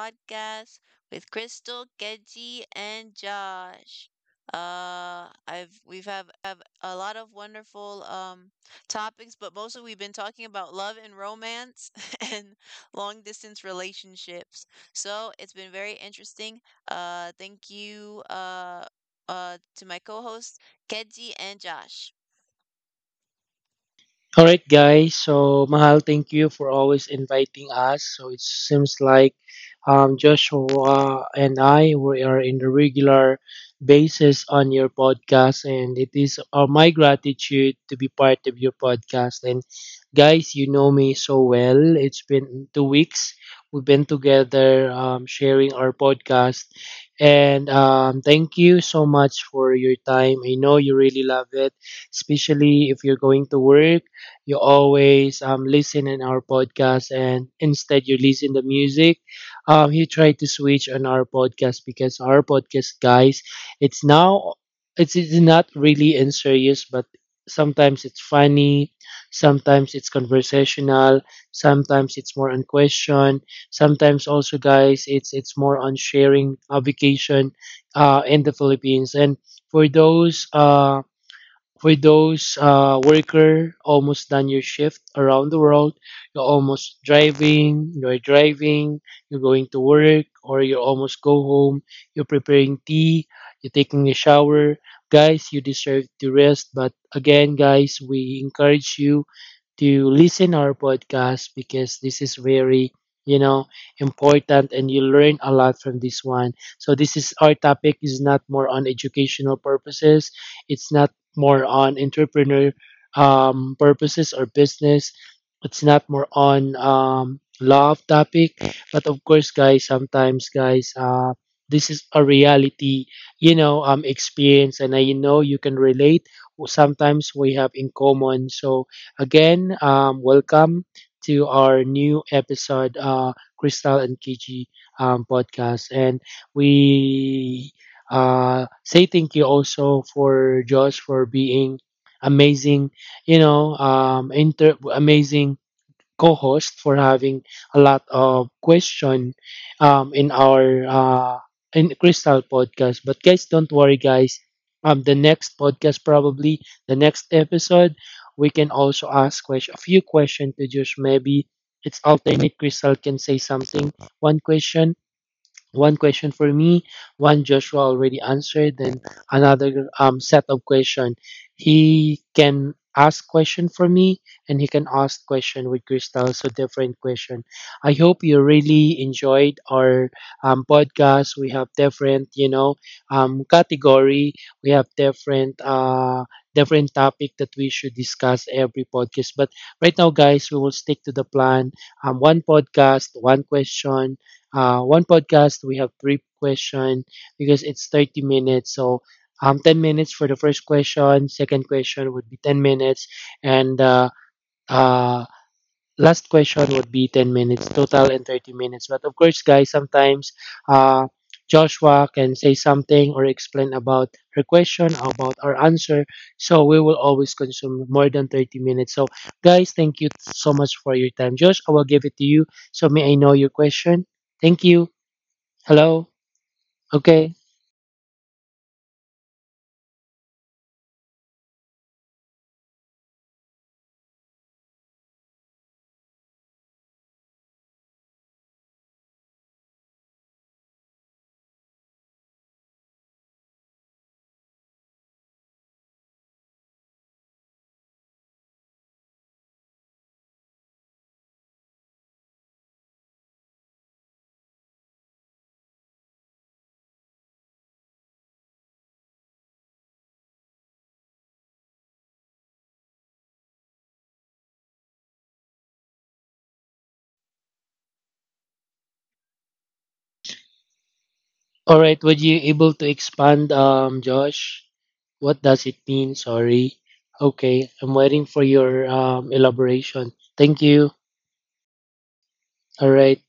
podcast with Crystal, Keji, and Josh. I've we've have a lot of wonderful topics, but mostly we've been talking about love and romance and long distance relationships. So it's been very interesting. Thank you to my co-hosts Keji and Josh. All right, guys. So, Mahal, thank you for always inviting us. So, it seems like Joshua and I we are in the regular basis on your podcast, and it is my gratitude to be part of your podcast. And, guys, you know me so well. It's been 2 weeks. We've been together sharing our podcast. And thank you so much for your time. I know you really love it, especially if you're going to work you always listen in our podcast, and instead you listen the music. You try to switch on our podcast because our podcast, guys, it's now it's not really in serious, but sometimes it's funny, sometimes it's conversational, sometimes it's more on question, sometimes also, guys, it's more on sharing a vacation in the Philippines. And for those worker almost done your shift around the world, you're almost driving, you're going to work, or you almost go home, you're preparing tea, you're taking a shower. Guys, you deserve to rest. But again, guys, we encourage you to listen our podcast because this is very you know important and you learn a lot from this one. So this is our topic is not more on educational purposes, it's not more on entrepreneur purposes or business. It's not more on law of topic. But of course, guys, sometimes, guys, this is a reality, experience, and I know you can relate. Sometimes we have in common. So again, welcome to our new episode, Crystal and KG podcast, and we say thank you also for Josh for being amazing, amazing co-host for having a lot of question um, in our uh, in Crystal podcast. But guys, don't worry, guys. The next podcast, probably the next episode, we can also ask question, a few questions to Josh. Maybe it's alternate. Crystal can say something, one question, one question for me, one Joshua already answered, then another set of question. He can ask question for me, and he can ask question with Crystal, so different question. I hope you really enjoyed our podcast. We have different, category. We have different, different topic that we should discuss every podcast. But right now, guys, we will stick to the plan. One podcast, one question, one podcast we have three question because it's 30 minutes. So 10 minutes for the first question, second question would be 10 minutes, and uh last question would be 10 minutes total and 30 minutes. But of course, guys, sometimes uh Joshua can say something or explain about her question, about our answer. So we will always consume more than 30 minutes. So, guys, thank you so much for your time. Josh, I will give it to you. So, may I know your question? Thank you. Hello. Okay. All right. Would you able to expand, Josh? What does it mean? Sorry. Okay. I'm waiting for your elaboration. Thank you. All right.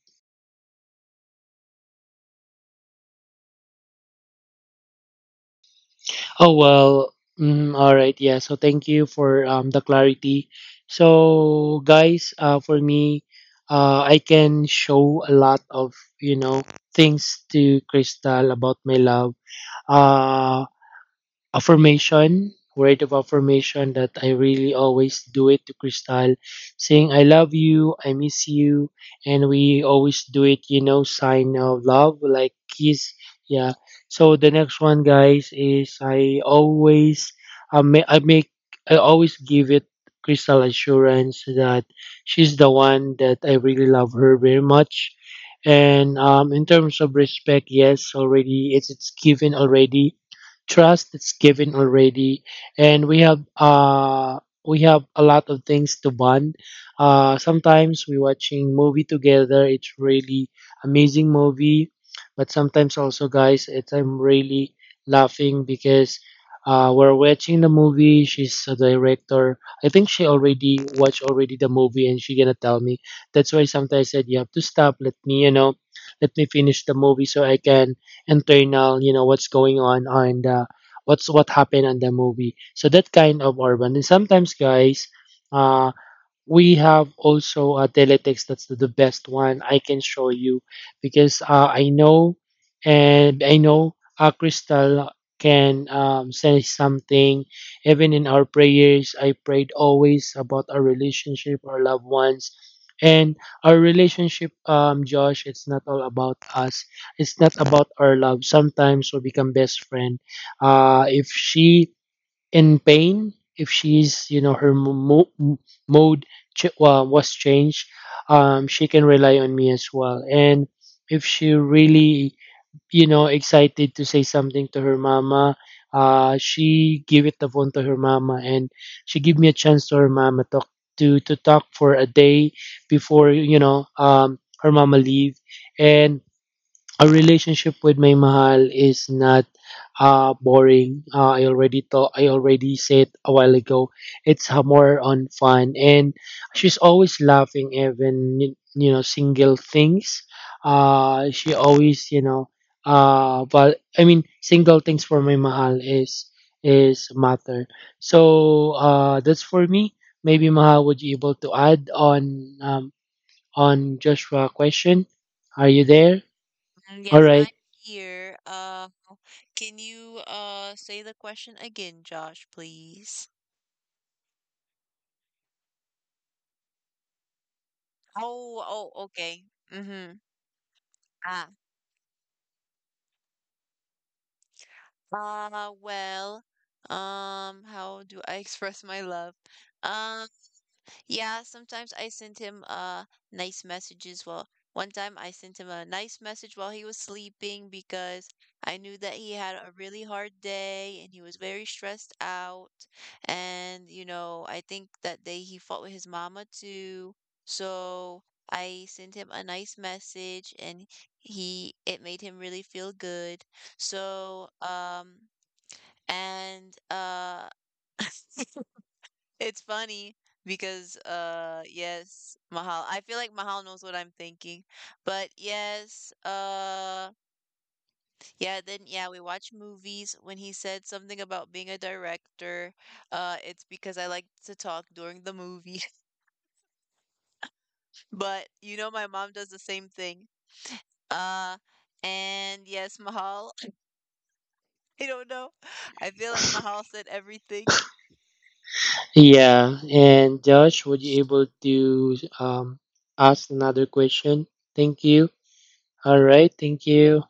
Oh well. Mm, all right. Yeah. So thank you for the clarity. So guys, for me, I can show a lot of things to Crystal about my love. Uh, Affirmation, word of affirmation that I really always do it to Crystal, saying I love you, I miss you, and we always do it, you know, sign of love, like kiss. Yeah. So the next one, guys, is I always I make I make I always give it Crystal assurance that she's the one that I really love her very much. And in terms of respect, yes, already it's given already, trust that's given already, and we have a lot of things to bond. Sometimes we watching movie together, it's really amazing movie. But sometimes also, guys, it's I'm really laughing because we're watching the movie, she's a director, I think she already watched already the movie and she gonna tell me. That's why sometimes I said you have to stop, let me, you know, let me finish the movie so I can internal, you know, what's going on the what happened on the movie. So that kind of urban. And sometimes, guys, uh, we have also teletext. That's the best one I can show you because I know and I know Crystal can say something. Even in our prayers I prayed always about our relationship, our loved ones, and our relationship. Josh, it's not all about us, it's not about our love. Sometimes we become best friend. If she in pain, if she's, you know, her mode was changed, she can rely on me as well. And if she really, you know, excited to say something to her mama, she give it the phone to her mama and she give me a chance to her mama talk to talk for a day before, you know, her mama leave. And a relationship with my mahal is not boring. I already thought I already said a while ago. It's more on fun, and she's always laughing even you know single things. She always, you know, but I mean single things for my mahal is matter. So that's for me. Maybe mahal, would you able to add on Joshua question? Are you there? And All yes, right. I'm here. Can you say the question again, Josh, please? Oh, oh, okay. Mm-hmm. Ah. Uh, well, how do I express my love? Um, Yeah, sometimes I sent him nice messages while one time I sent him a nice message while he was sleeping because I knew that he had a really hard day and he was very stressed out. And, you know, I think that day he fought with his mama too. So I sent him a nice message and he it made him really feel good. So, and it's funny because yes, Mahal. I feel like Mahal knows what I'm thinking. But yes, yeah, then yeah, we watch movies. When he said something about being a director, it's because I like to talk during the movie. But you know my mom does the same thing. Uh and yes, Mahal. I don't know. I feel like Mahal said everything. Yeah, and Josh, would you able to ask another question? Thank you. All right, thank you.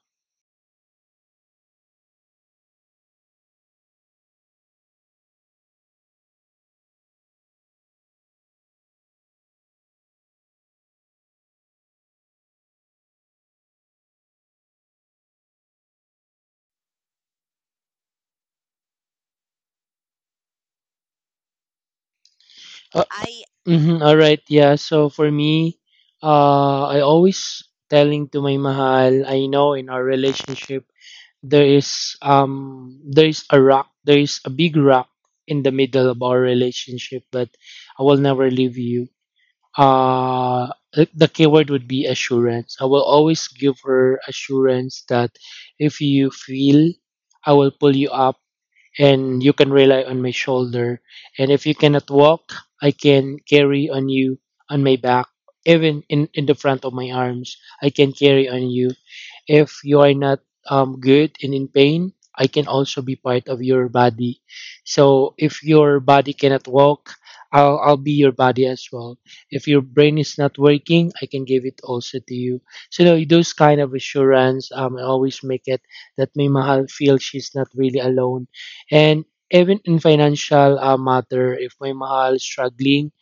Uh, I mhm, all right, yeah. So for me, I always telling to my mahal, I know in our relationship there is a rock, there is a big rock in the middle of our relationship, but I will never leave you. The keyword would be assurance. I will always give her assurance that if you feel I will pull you up and you can rely on my shoulder. And if you cannot walk, I can carry on you on my back, even in the front of my arms. I can carry on you. If you are not good and in pain, I can also be part of your body. So if your body cannot walk, I'll be your body as well. If your brain is not working, I can give it also to you. So those kind of assurance, I always make it that may mahal feels she's not really alone. And even in financial matter, if my mahal is struggling,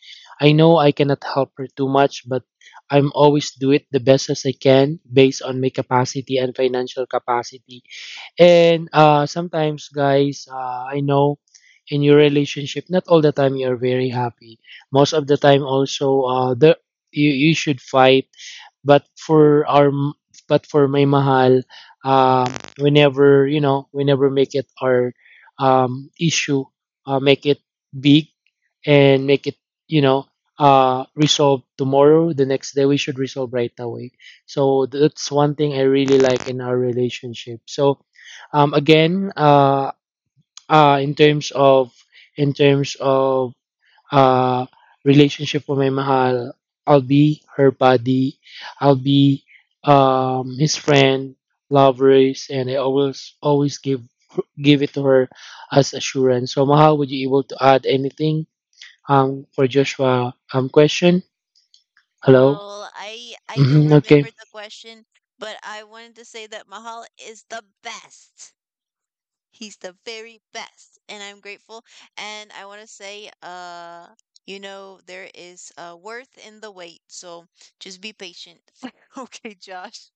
I know I cannot help her too much, but I'm always do it the best as I can based on my capacity and financial capacity. And sometimes, guys, I know in your relationship, not all the time you're very happy. Most of the time, also, the you, you should fight. But for our, but for my mahal, um, whenever, you know, whenever make it our issue, make it big and make it, you know, resolve tomorrow, the next day we should resolve right away. So that's one thing I really like in our relationship. So again, in terms of, in terms of uh relationship with my mahal, I'll be her buddy, I'll be his friend, lovers, and I always give it to her as assurance. So mahal, would you able to add anything for Joshua question? Hello. Well, I don't Hmm, okay. remember the question, but I wanted to say that Mahal is the best. He's the very best, and I'm grateful. And I want to say, you know, there is worth in the wait, so just be patient. Okay, Josh.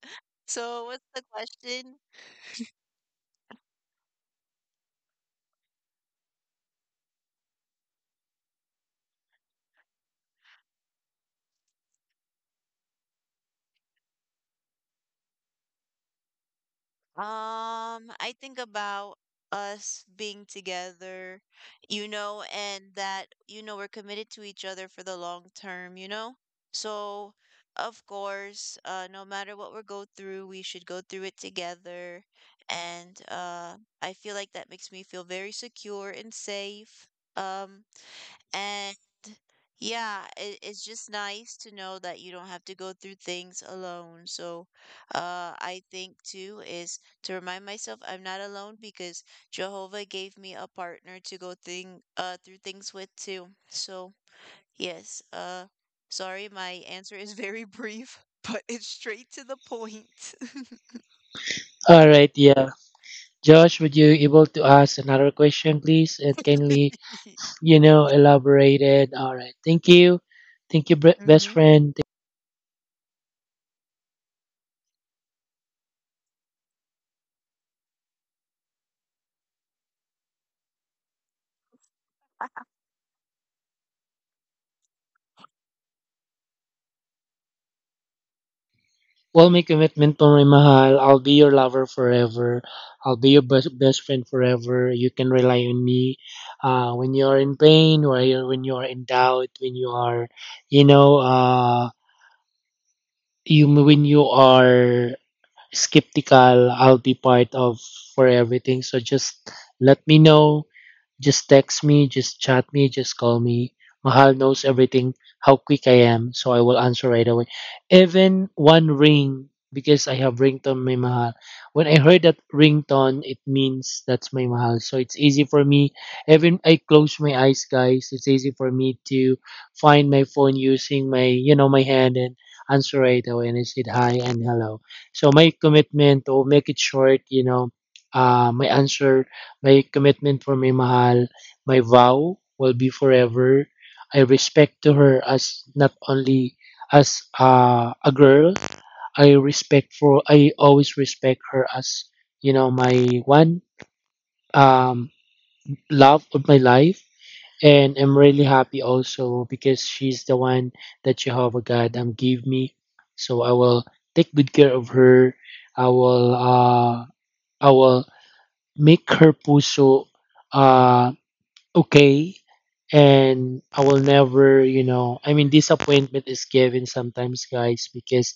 So, what's the question? I think about us being together, you know, and that, you know, we're committed to each other for the long term, you know? So, of course, no matter what we go through, we should go through it together. And I feel like that makes me feel very secure and safe. Um, and yeah, it's just nice to know that you don't have to go through things alone. So, I think too is to remind myself I'm not alone because Jehovah gave me a partner to go thing through things with too. So, yes, sorry, my answer is very brief, but it's straight to the point. All right. Yeah. Josh, would you able to ask another question, please, and kindly, you know, elaborate it. All right. Thank you. Thank you, best Mhm. friend. Well, my commitment, Pamay Mahal. I'll be your lover forever. I'll be your best, best friend forever. You can rely on me. When you are in pain, or when you are in doubt, when you are, you know, you when you are skeptical. I'll be part of for everything. So just let me know. Just text me, just chat me, just call me. Mahal knows everything, how quick I am, so I will answer right away. Even one ring, because I have ringtone my Mahal. When I heard that ringtone, it means that's my Mahal. So it's easy for me. Even I close my eyes, guys. It's easy for me to find my phone using my, you know, my hand and answer right away. And I said hi and hello. So my commitment to make it short, you know, uh, my answer my commitment for my mahal, my vow will be forever. I respect to her as not only as a girl. I respect for I always respect her as, you know, my one um, love of my life. And I'm really happy also because she's the one that Jehovah God gave me. So I will take good care of her. I will uh, I will make her puso uh okay. And I will never disappointment is given sometimes, guys, because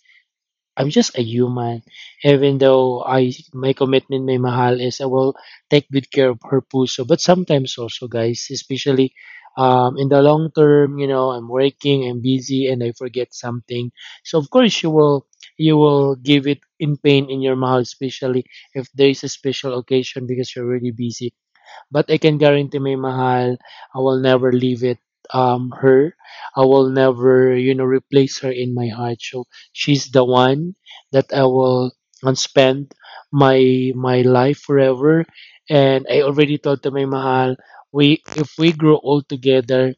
I'm just a human. Even though I my commitment may mahal is I will take good care of her puso. But sometimes also, guys, especially in the long term, you know, I'm working, I'm busy, and I forget something. So of course you will give it in pain in your mahal, especially if there is a special occasion because you're really busy. But I can guarantee my mahal, I will never leave it her. I will never, you know, replace her in my heart. So she's the one that I will spend my my life forever. And I already told to my mahal, we if we grow old together,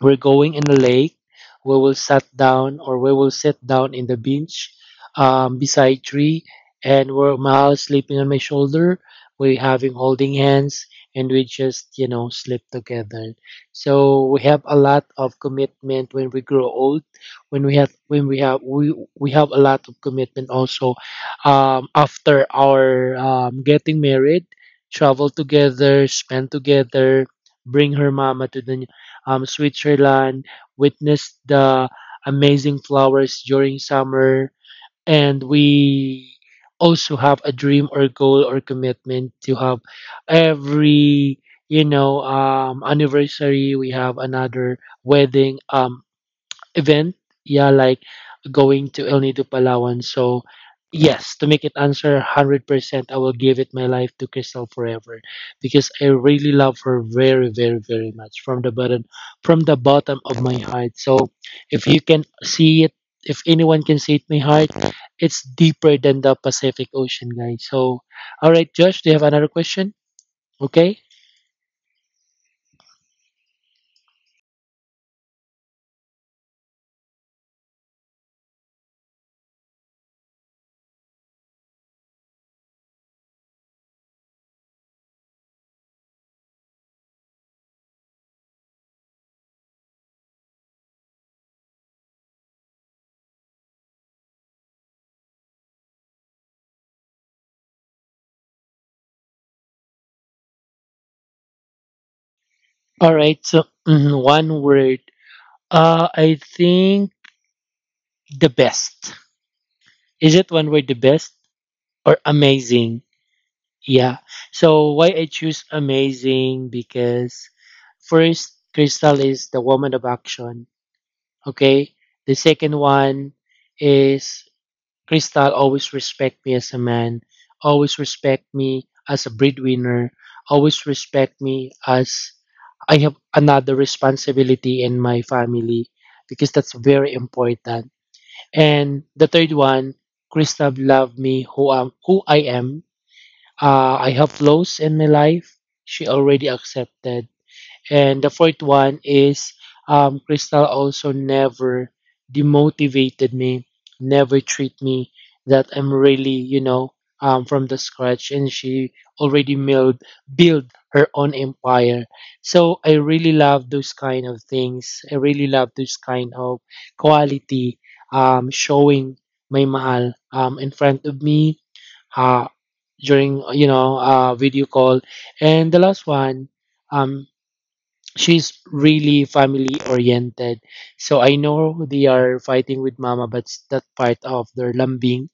we're going in the lake. We will sat down or we will sit down in the bench beside tree and we're Mahal sleeping on my shoulder. We having holding hands and we just, you know, sleep together. So we have a lot of commitment when we grow old. When we have we have a lot of commitment also after our getting married, travel together, spend together, bring her mama to the Switzerland, witnessed the amazing flowers during summer, and we also have a dream or goal or commitment to have every anniversary we have another wedding event. Yeah, like going to El Nido, Palawan. So, yes, to make it answer 100%, I will give it my life to Crystal forever because I really love her very, very, very much from the bottom of my heart. So, if you can see it, if anyone can see it, my heart, it's deeper than the Pacific Ocean, guys. So, all right, Josh, do you have another question? Okay. All right. So, mhm, one word. I think the best. Is it one word the best or amazing? Yeah. So why I choose amazing because first Crystal is the woman of action. Okay. The second one is Crystal always respect me as a man, always respect me as a breadwinner, always respect me as I have another responsibility in my family because that's very important. And the third one, Kristav loved me who am who I am. I have flaws in my life. She already accepted, and the fourth one is Crystal also never demotivated me, never treat me that I'm really, you know, from the scratch. And she already build her own empire. So I really love those kind of things. I really love those kind of quality showing my mahal in front of me uh, during video call. And the last one. Um, she's really family oriented. So I know they are fighting with mama, but that's part of their lambing.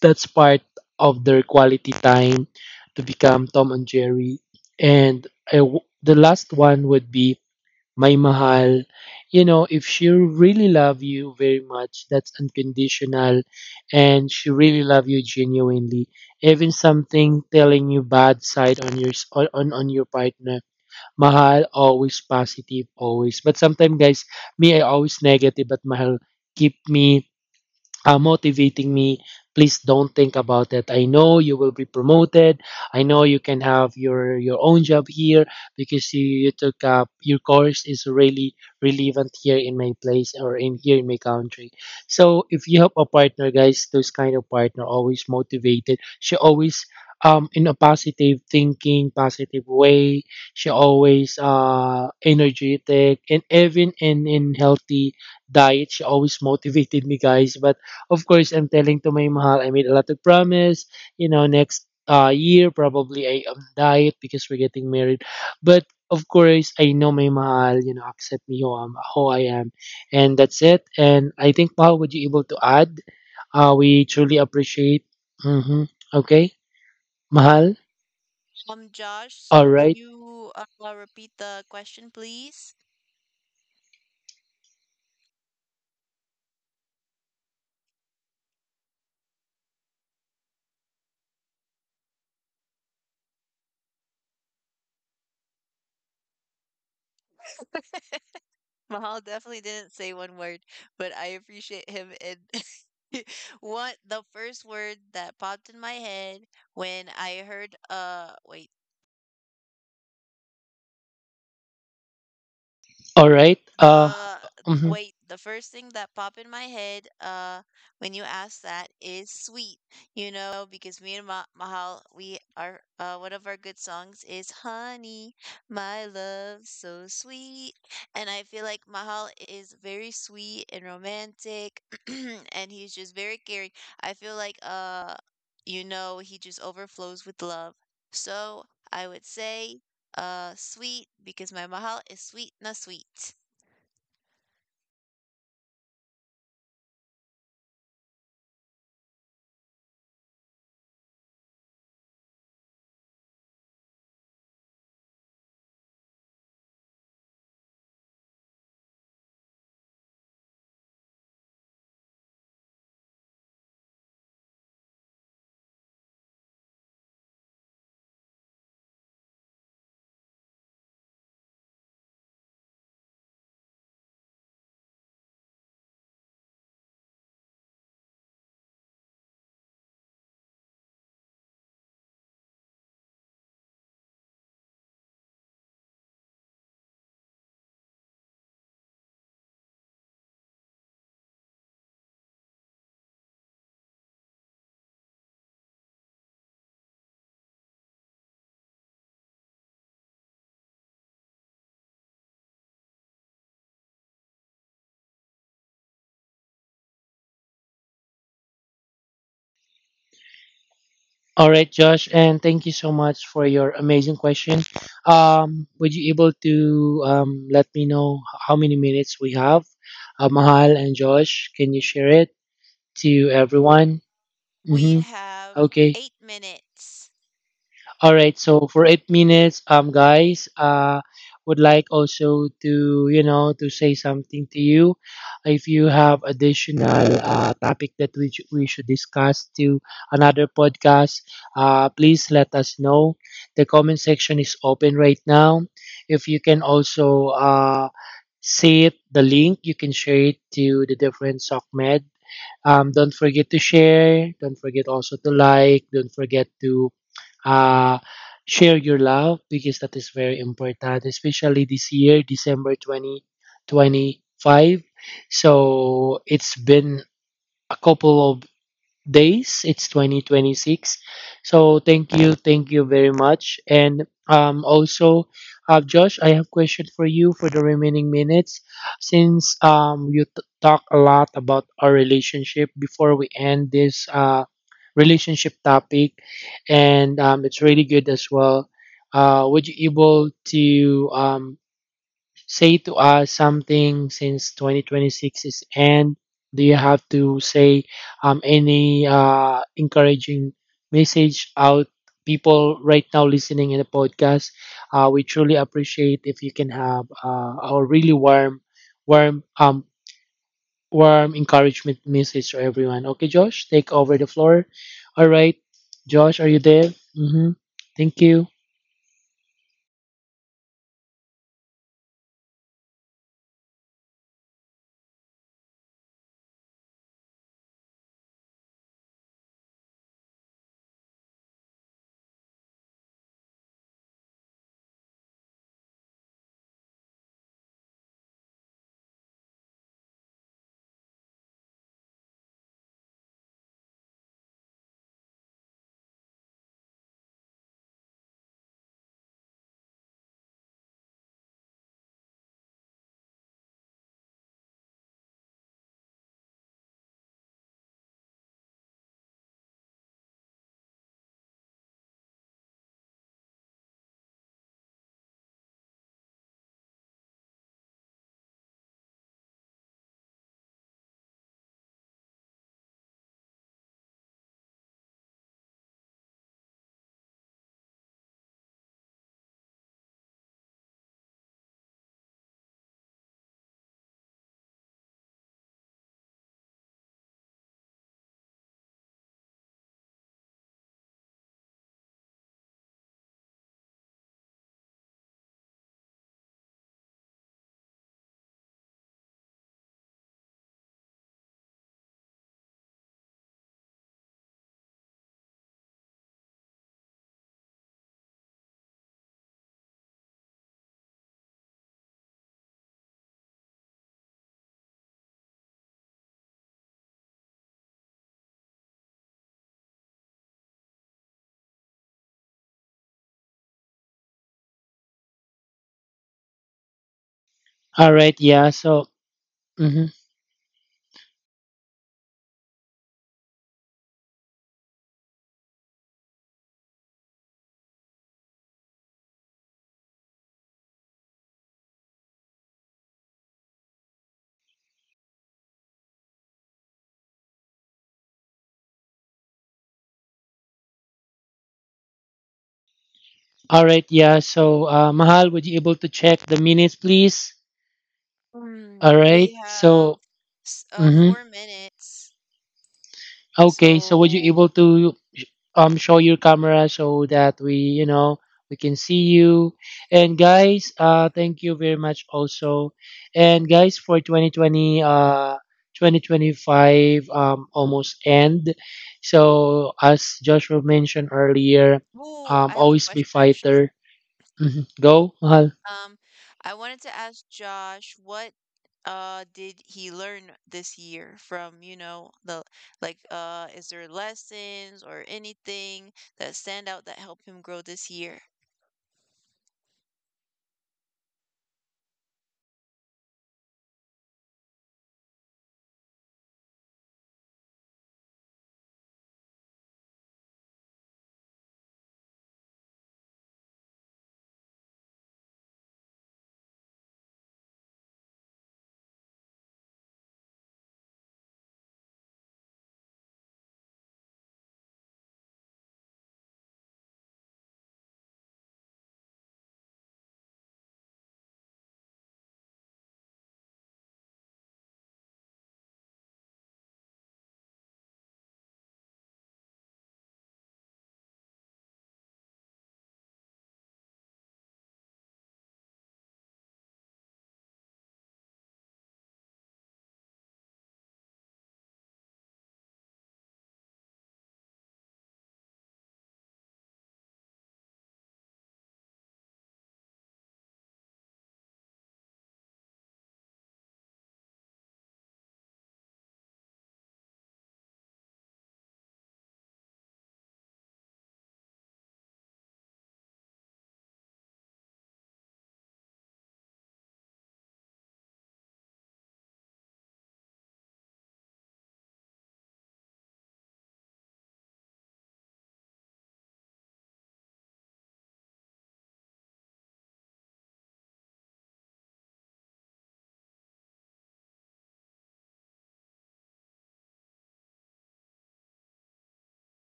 That's part of their quality time to become Tom and Jerry. And I w the last one would be my mahal. You know, if she really love you very much, that's unconditional, and she really love you genuinely. Even something telling you bad side on your s- on your partner Mahal, always positive, always. But sometimes, guys, me, I always negative, but Mahal keep me motivating me, please don't think about it. I know you will be promoted, I know you can have your own job here because you took up your course is really relevant here in my place or in here in my country. So if you have a partner, guys, those kind of partner always motivated. She always in a positive thinking positive way. She always energetic, and even in healthy diet she always motivated me, guys. But of course, I'm telling to my mahal, I made a lot of promise. You know, next year probably I diet because we're getting married. But of course, I know my mahal, you know, accept me who, I'm, who I am. And that's it. And I think, mahal, would you able to add? We truly appreciate. Mm-hmm. Okay, mahal. Josh, All so can right. you repeat the question, please? Mahal definitely didn't say one word, but I appreciate him. And what the first word that popped in my head when I heard, All right. The Mhm. The first thing that popped in my head when you asked that is sweet, you know, because me and Ma Mahal, we are one of our good songs is Honey, My Love So Sweet. And I feel like Mahal is very sweet and romantic and he's just very caring. I feel like you know, he just overflows with love. So, I would say sweet because my Mahal is sweet na sweet. All right, Josh, and thank you so much for your amazing question. Would you able to let me know how many minutes we have? Mahal and Josh, can you share it to everyone? We Mm-hmm. have Okay. 8 minutes. All right, so for 8 minutes, guys, would like also to, you know, to say something to you. If you have additional topic that we we should discuss to another podcast, please let us know. The comment section is open right now. If you can also see it, the link, you can share it to the different SOCMED, don't forget to share. Don't forget also to like. Don't forget to uh, share your love because that is very important, especially this year, December 2025. So it's been a couple of days. It's 2026. So thank you very much. And also, Josh, I have question for you for the remaining minutes. Since you talk a lot about our relationship before we end this relationship topic, and it's really good as well. Would you able to say to us something since 2026 is end? Do you have to say any encouraging message out people right now listening in the podcast? We truly appreciate if you can have a really warm, warm, warm encouragement message to everyone. Okay, Josh, take over the floor. All right, Josh, are you there? Mm-hmm. Thank you. All right, yeah. So. Mhm. All right, yeah. So, Mahal, would you able to check the minutes, please? All right. We have So, mm-hmm. 4 minutes. Okay. So, would you So, able to show your camera so that we, you know, we can see you. And guys, thank you very much also. And guys, for 2020, 2025, almost end. So, as Joshua mentioned earlier, ooh, I have a always be question actually. fighter. Mhm. Go, Mahal. Um, I wanted to ask Josh what did he learn this year from, you know, the is there lessons or anything that stand out that helped him grow this year?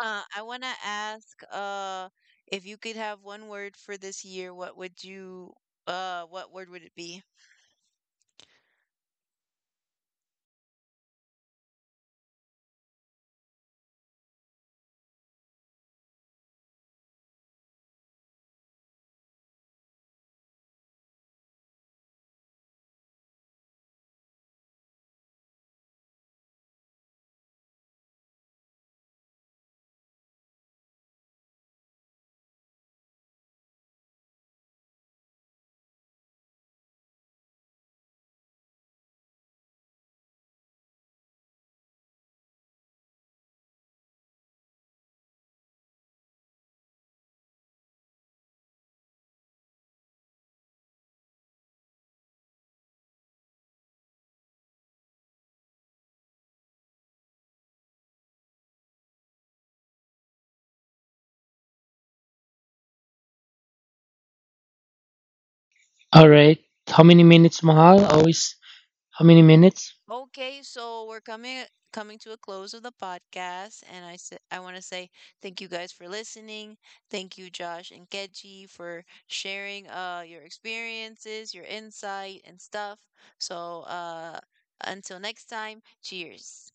I want to ask if you could have one word for this year, what would you what word would it be? All right. How many minutes, Mahal? Always how many minutes? Okay, so we're coming to a close of the podcast, and I want to say thank you guys for listening. Thank you, Josh and Keji, for sharing your experiences, your insight, and stuff. So until next time, cheers.